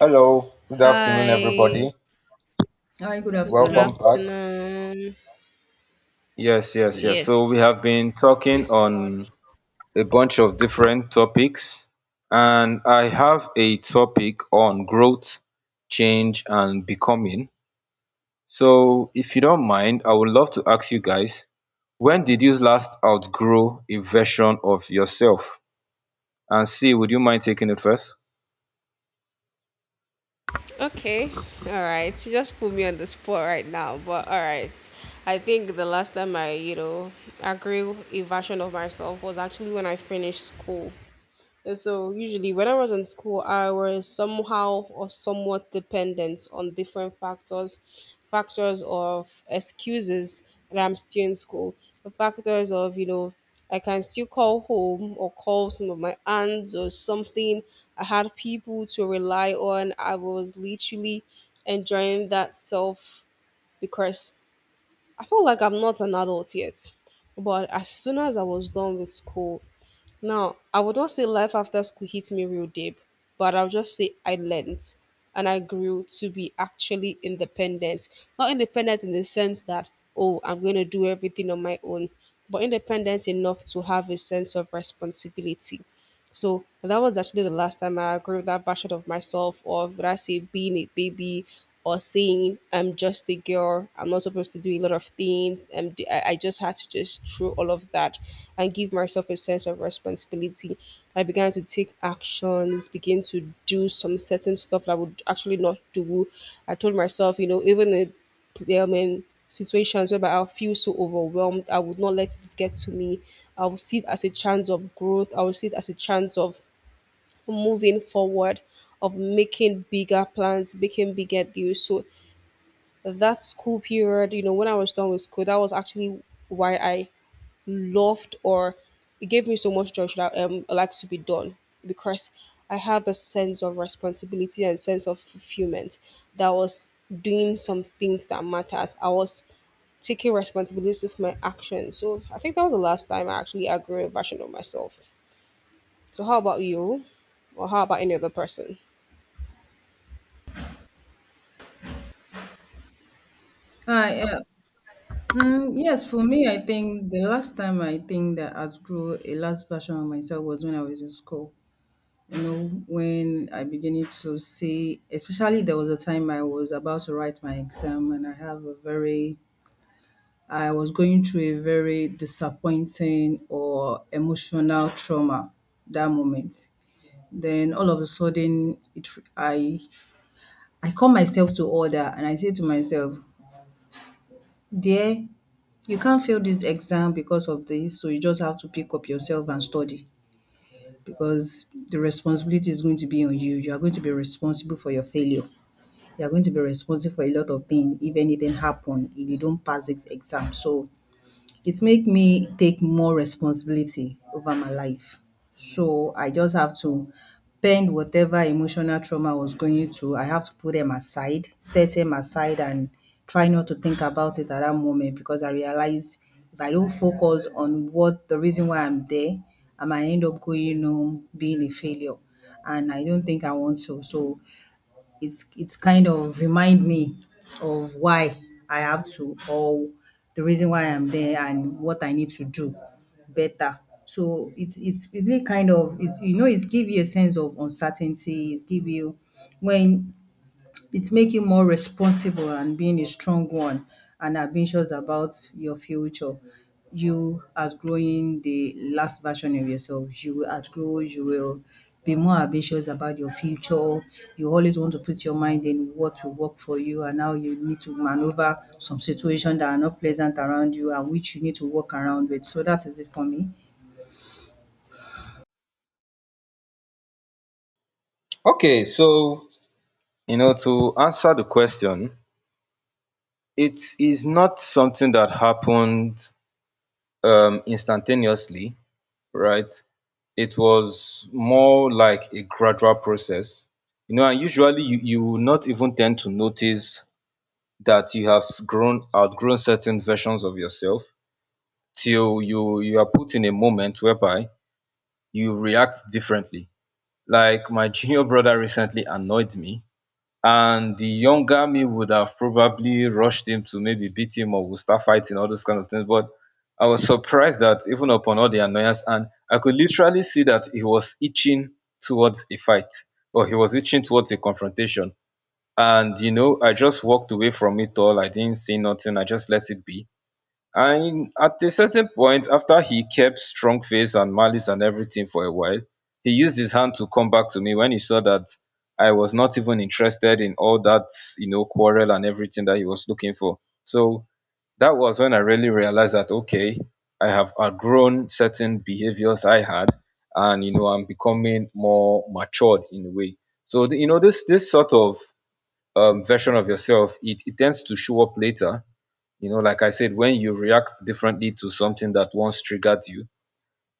Hello, good afternoon, Hi, everybody. Hi, good good Welcome afternoon. back. afternoon. Yes, yes, yes. So, we have Yes, been thank you talking so much. on a bunch of different topics, and I have a topic on growth, change, and becoming. So, if you don't mind, I would love to ask you guys, when did you last outgrow a version of yourself? And see, would you mind taking it first? Okay, all right. You just put me on the spot right now, but all right. I think the last time I, you know, agree a version of myself was actually when I finished school. So usually when I was in school, I was somehow or somewhat dependent on different factors, factors of excuses that I'm still in school, the factors of, you know, I can still call home or call some of my aunts or something. I had people to rely on. I was literally enjoying that self because I felt like I'm not an adult yet. But as soon as I was done with school, now, I would not say life after school hit me real deep, but I'll just say I learned and I grew to be actually independent. Not independent in the sense that, oh, I'm going to do everything on my own, but independent enough to have a sense of responsibility. So that was actually the last time I grew that version of myself of would I say being a baby or saying I'm just a girl. I'm not supposed to do a lot of things. I just had to just throw all of that and give myself a sense of responsibility. I began to take actions, begin to do some certain stuff that I would actually not do. I told myself, you know, even if in situations whereby I'll feel so overwhelmed. I would not let it get to me. I will see it as a chance of growth. I will see it as a chance of moving forward, of making bigger plans, making bigger deals. So that school period, you know, when I was done with school, that was actually why I loved or it gave me so much joy should I like to be done because I have a sense of responsibility and sense of fulfillment that was doing some things that matters. I was taking responsibility of my actions. So I think that was the last time I actually outgrew a version of myself. So how about you? Or how about any other person? Hi, uh, yes, for me, I think the last time I think that outgrew a last version of myself was when I was in school. You know, when I beginning to see, especially there was a time I was about to write my exam and I was going through a very disappointing or emotional trauma that moment. Then all of a sudden, it I I call myself to order and I say to myself, dear, you can't fail this exam because of this, so you just have to pick up yourself and study because the responsibility is going to be on you. You are going to be responsible for your failure. You are going to be responsible for a lot of things if anything happen, if you don't pass this exam. So it make me take more responsibility over my life. So I just have to bend whatever emotional trauma I was going through. I have to put them aside, set them aside, and try not to think about it at that moment because I realized if I don't focus on what the reason why I'm there, I might end up going home being a failure. And I don't think I want to. So it's kind of remind me of why I have to or the reason why I'm there and what I need to do better. So it's really kind of it's you know, it's give you a sense of uncertainty. It give you when it make you more responsible and being a strong one and ambitious about your future. You outgrowing the last version of yourself. You will be more ambitious about your future. You always want to put your mind in what will work for you and now you need to maneuver some situations that are not pleasant around you and which you need to work around with. So that is it for me. Okay, so you know, to answer the question, it is not something that happened instantaneously, right? It was more like a gradual process, you know, and usually you will not even tend to notice that you have s- grown outgrown certain versions of yourself till you are put in a moment whereby you react differently. Like my junior brother recently annoyed me, and the younger me would have probably rushed him to maybe beat him, or we start fighting, all those kind of things. But I was surprised that even upon all the annoyance, and I could literally see that he was itching towards a fight, or he was itching towards a confrontation. And, you know, I just walked away from it all. I didn't say nothing. I just let it be. And at a certain point, after he kept strong face and malice and everything for a while, he used his hand to come back to me when he saw that I was not even interested in all that, you know, quarrel and everything that he was looking for. So that was when I really realized that, okay, I have outgrown certain behaviors I had, and, you know, I'm becoming more matured in a way. So, you know, this sort of version of yourself, it tends to show up later, you know, like I said, when you react differently to something that once triggered you.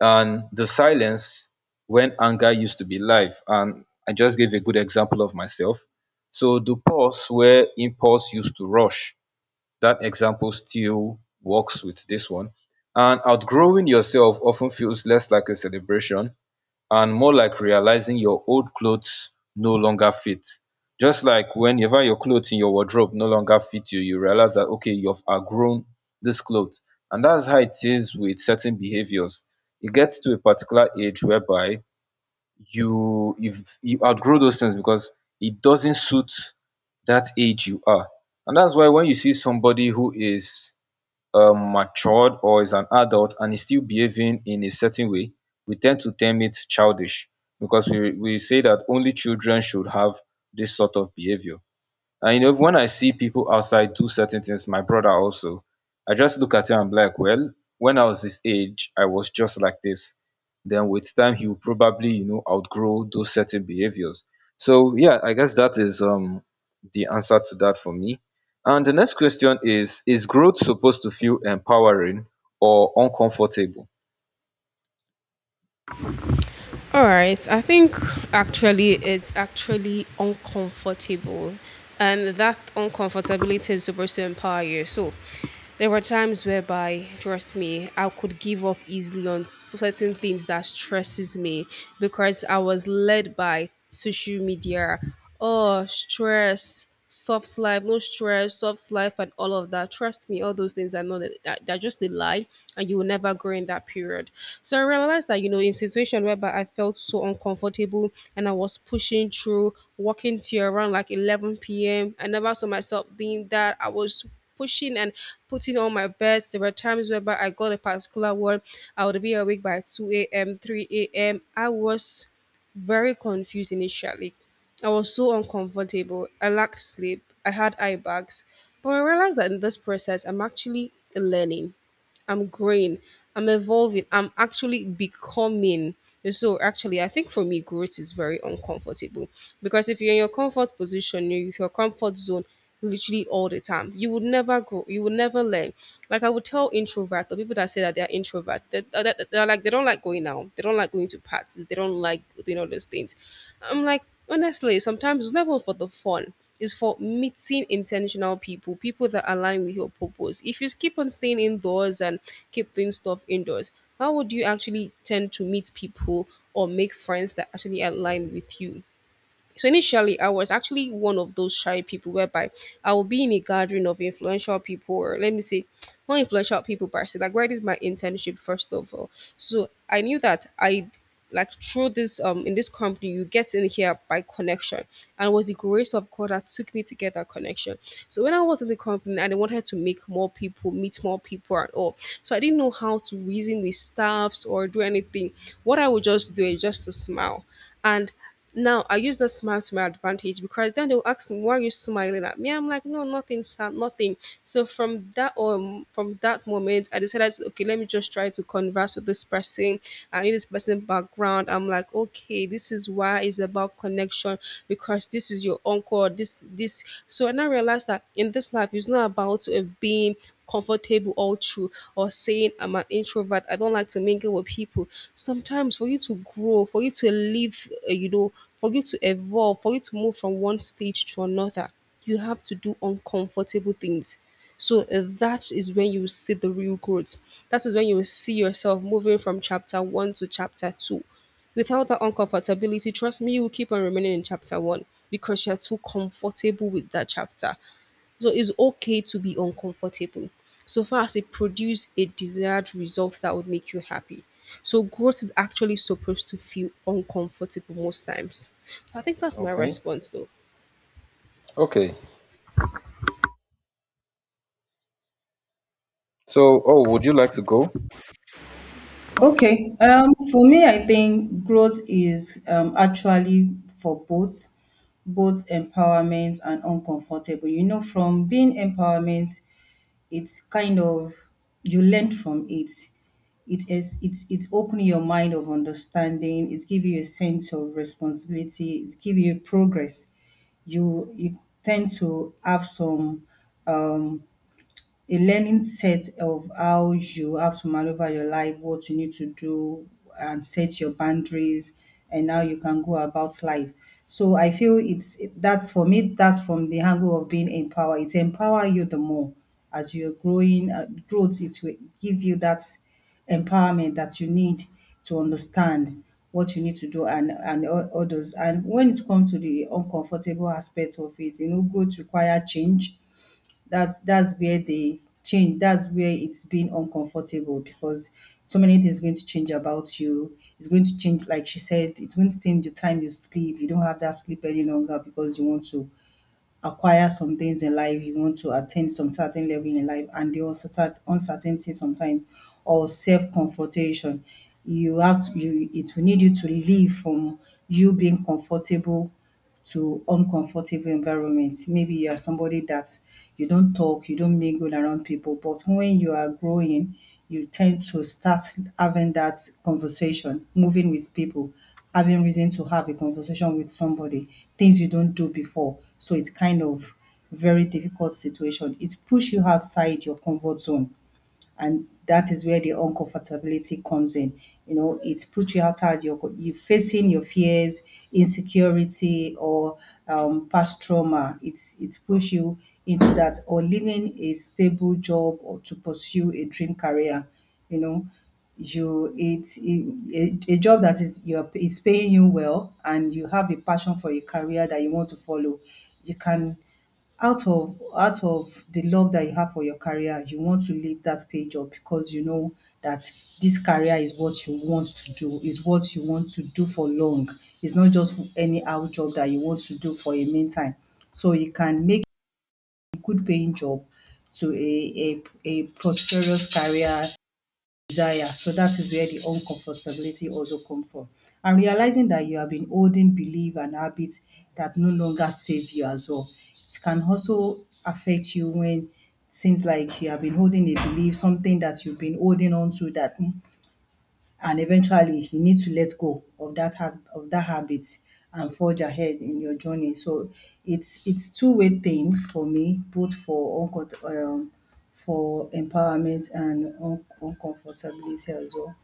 And the silence when anger used to be live, and I just gave a good example of myself. So the pause where impulse used to rush, that example still works with this one. And outgrowing yourself often feels less like a celebration and more like realizing your old clothes no longer fit. Just like whenever your clothes in your wardrobe no longer fit you, you realize that okay, you've outgrown this clothes. And that's how it is with certain behaviors. It gets to a particular age whereby you, if you outgrow those things because it doesn't suit that age you are. And that's why when you see somebody who is matured or is an adult and is still behaving in a certain way, we tend to term it childish, because we say that only children should have this sort of behavior. And you know, when I see people outside do certain things, my brother also, I just look at him and be like, well, when I was his age, I was just like this. Then with time, he will probably, you know, outgrow those certain behaviors. So yeah, I guess that is the answer to that for me. And the next question is growth supposed to feel empowering or uncomfortable? All right. I think actually it's actually uncomfortable. And that uncomfortability is supposed to empower you. So there were times whereby, trust me, I could give up easily on certain things that stresses me because I was led by social media. Oh, stress, soft life, no stress, soft life, and all of that. Trust me, all those things are not. They're just a lie, and you will never grow in that period. So I realized that, you know, in situation whereby I felt so uncomfortable and I was pushing through, walking to around like 11 p.m., I never saw myself doing that. I was pushing and putting on my best. There were times whereby I got a particular one, I would be awake by 2 a.m., 3 a.m. I was very confused initially. I was so uncomfortable. I lacked sleep. I had eye bags. But I realized that in this process, I'm actually learning. I'm growing. I'm evolving. I'm actually becoming. And so actually, I think for me, growth is very uncomfortable because if you're in your comfort position, you- if your comfort zone, literally all the time. You would never grow. You would never learn. Like I would tell introvert the people that say that they are introvert, that they're like they don't like going out. They don't like going to parties. They don't like doing all those things. I'm like honestly, sometimes it's never for the fun. It's for meeting intentional people, people that align with your purpose. If you keep on staying indoors and keep doing stuff indoors, how would you actually tend to meet people or make friends that actually align with you? So initially, I was actually one of those shy people whereby I will be in a gathering of influential people, or let me say, not influential people, but I said, like where I did my internship first of all. So I knew that I like through this in this company you get in here by connection, and it was the grace of God that took me to get that connection. So when I was in the company and I wanted to make more people meet more people and all, so I didn't know how to reason with staffs or do anything. What I would just do is just to smile, and now I use the smile to my advantage because then they'll ask me, why are you smiling at me? I'm like, no, nothing, sir, nothing. So from that moment, I decided, okay, let me just try to converse with this person. I need this person background. I'm like, okay, this is why it's about connection, because this is your uncle. This this. So and I realized that in this life, it's not about being comfortable all through or saying I'm an introvert, I don't like to mingle with people. Sometimes for you to grow, for you to live, you know, for you to evolve, for you to move from one stage to another, you have to do uncomfortable things. So that is when you see the real growth. That is when you will see yourself moving from chapter one to chapter two. Without that uncomfortability, trust me, you will keep on remaining in chapter one because you're too comfortable with that chapter. So it's okay to be uncomfortable so far as it produce a desired result that would make you happy. So growth is actually supposed to feel uncomfortable most times. I think that's my Okay, response though. okay, so, oh, would you like to go? Okay, for me, I think growth is actually for both, both empowerment and uncomfortable. You know, from being empowerment, it's kind of you learn from it. It is it's opening your mind of understanding. It give you a sense of responsibility. It give you progress. You tend to have some um, a learning set of how you have to maneuver your life, what you need to do, and set your boundaries, and how you can go about life. So I feel it's that's for me. That's from the angle of being empowered. It empower you the more as you're growing. Growth it will give you that empowerment that you need to understand what you need to do and others. And when it comes to the uncomfortable aspect of it, you know, growth require change, that's where it's been uncomfortable because so many things going to change about you, it's going to change, like she said, it's going to change the time you sleep, you don't have that sleep any longer because you want to acquire some things in life, you want to attain some certain level in life and the uncertainty sometimes or self-comfortation, you it will need you to leave from you being comfortable to uncomfortable environment. Maybe you are somebody that you don't talk, you don't mingle around people, but when you are growing, you tend to start having that conversation, moving with people, having reason to have a conversation with somebody, things you don't do before. So it's kind of very difficult situation. It push you outside your comfort zone and that is where the uncomfortability comes in. You know, it puts you outside you facing your fears, insecurity, or past trauma. It push you into that, or leaving a stable job, or to pursue a dream career. You know, you it's it, a job that is paying you well, and you have a passion for a career that you want to follow. You can out of the love that you have for your career, you want to leave that page up because you know that this career is what you want to do, is what you want to do for long. It's not just any out job that you want to do for a meantime. So you can make a good paying job to a prosperous career desire. So that is where the uncomfortability also come from. And realizing that you have been holding belief and habits that no longer save you as well. It can also affect you when it seems like you have been holding a belief, something that you've been holding on to that "Hmm," and eventually you need to let go of that has of that habit and forge ahead in your journey. So it's two-way thing for me, both for for empowerment and uncomfortability as well.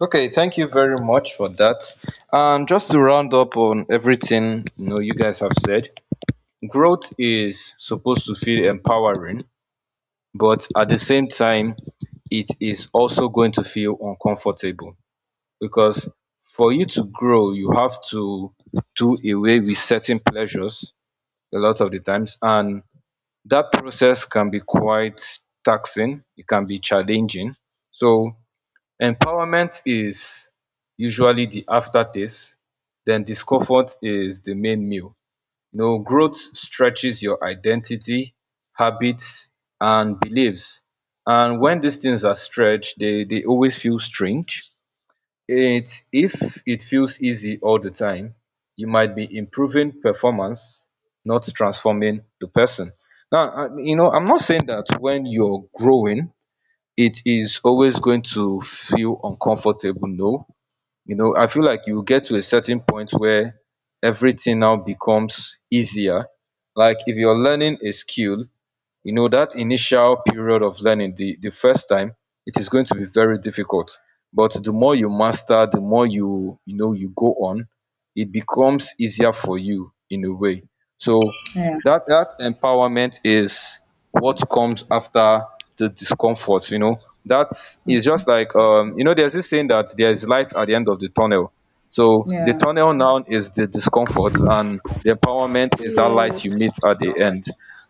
Okay, thank you very much for that. And just to round up on everything you know you guys have said, growth is supposed to feel empowering, but at the same time, it is also going to feel uncomfortable, because for you to grow, you have to do away with certain pleasures a lot of the times, and that process can be quite taxing. It can be challenging. So empowerment is usually the aftertaste, then discomfort is the main meal. You know, growth stretches your identity, habits, and beliefs. And when these things are stretched, they always feel strange. It if it feels easy all the time, you might be improving performance, not transforming the person. Now, you know, I'm not saying that when you're growing, it is always going to feel uncomfortable. No, you know, I feel like you get to a certain point where everything now becomes easier. Like if you're learning a skill, you know that initial period of learning the first time, it is going to be very difficult, but the more you master, the more you, you know, you go on, it becomes easier for you in a way. So Yeah, that that empowerment is what comes after the discomfort, you know, that is just like you know, there's this saying that there is light at the end of the tunnel. So the yeah. tunnel now is the discomfort, and the empowerment is that light Yes. you meet at the end.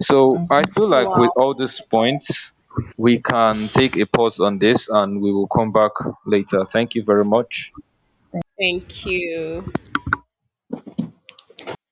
So I feel like with Wow. all these points, we can take a pause on this and we will come back later. Thank you very much. Thank you.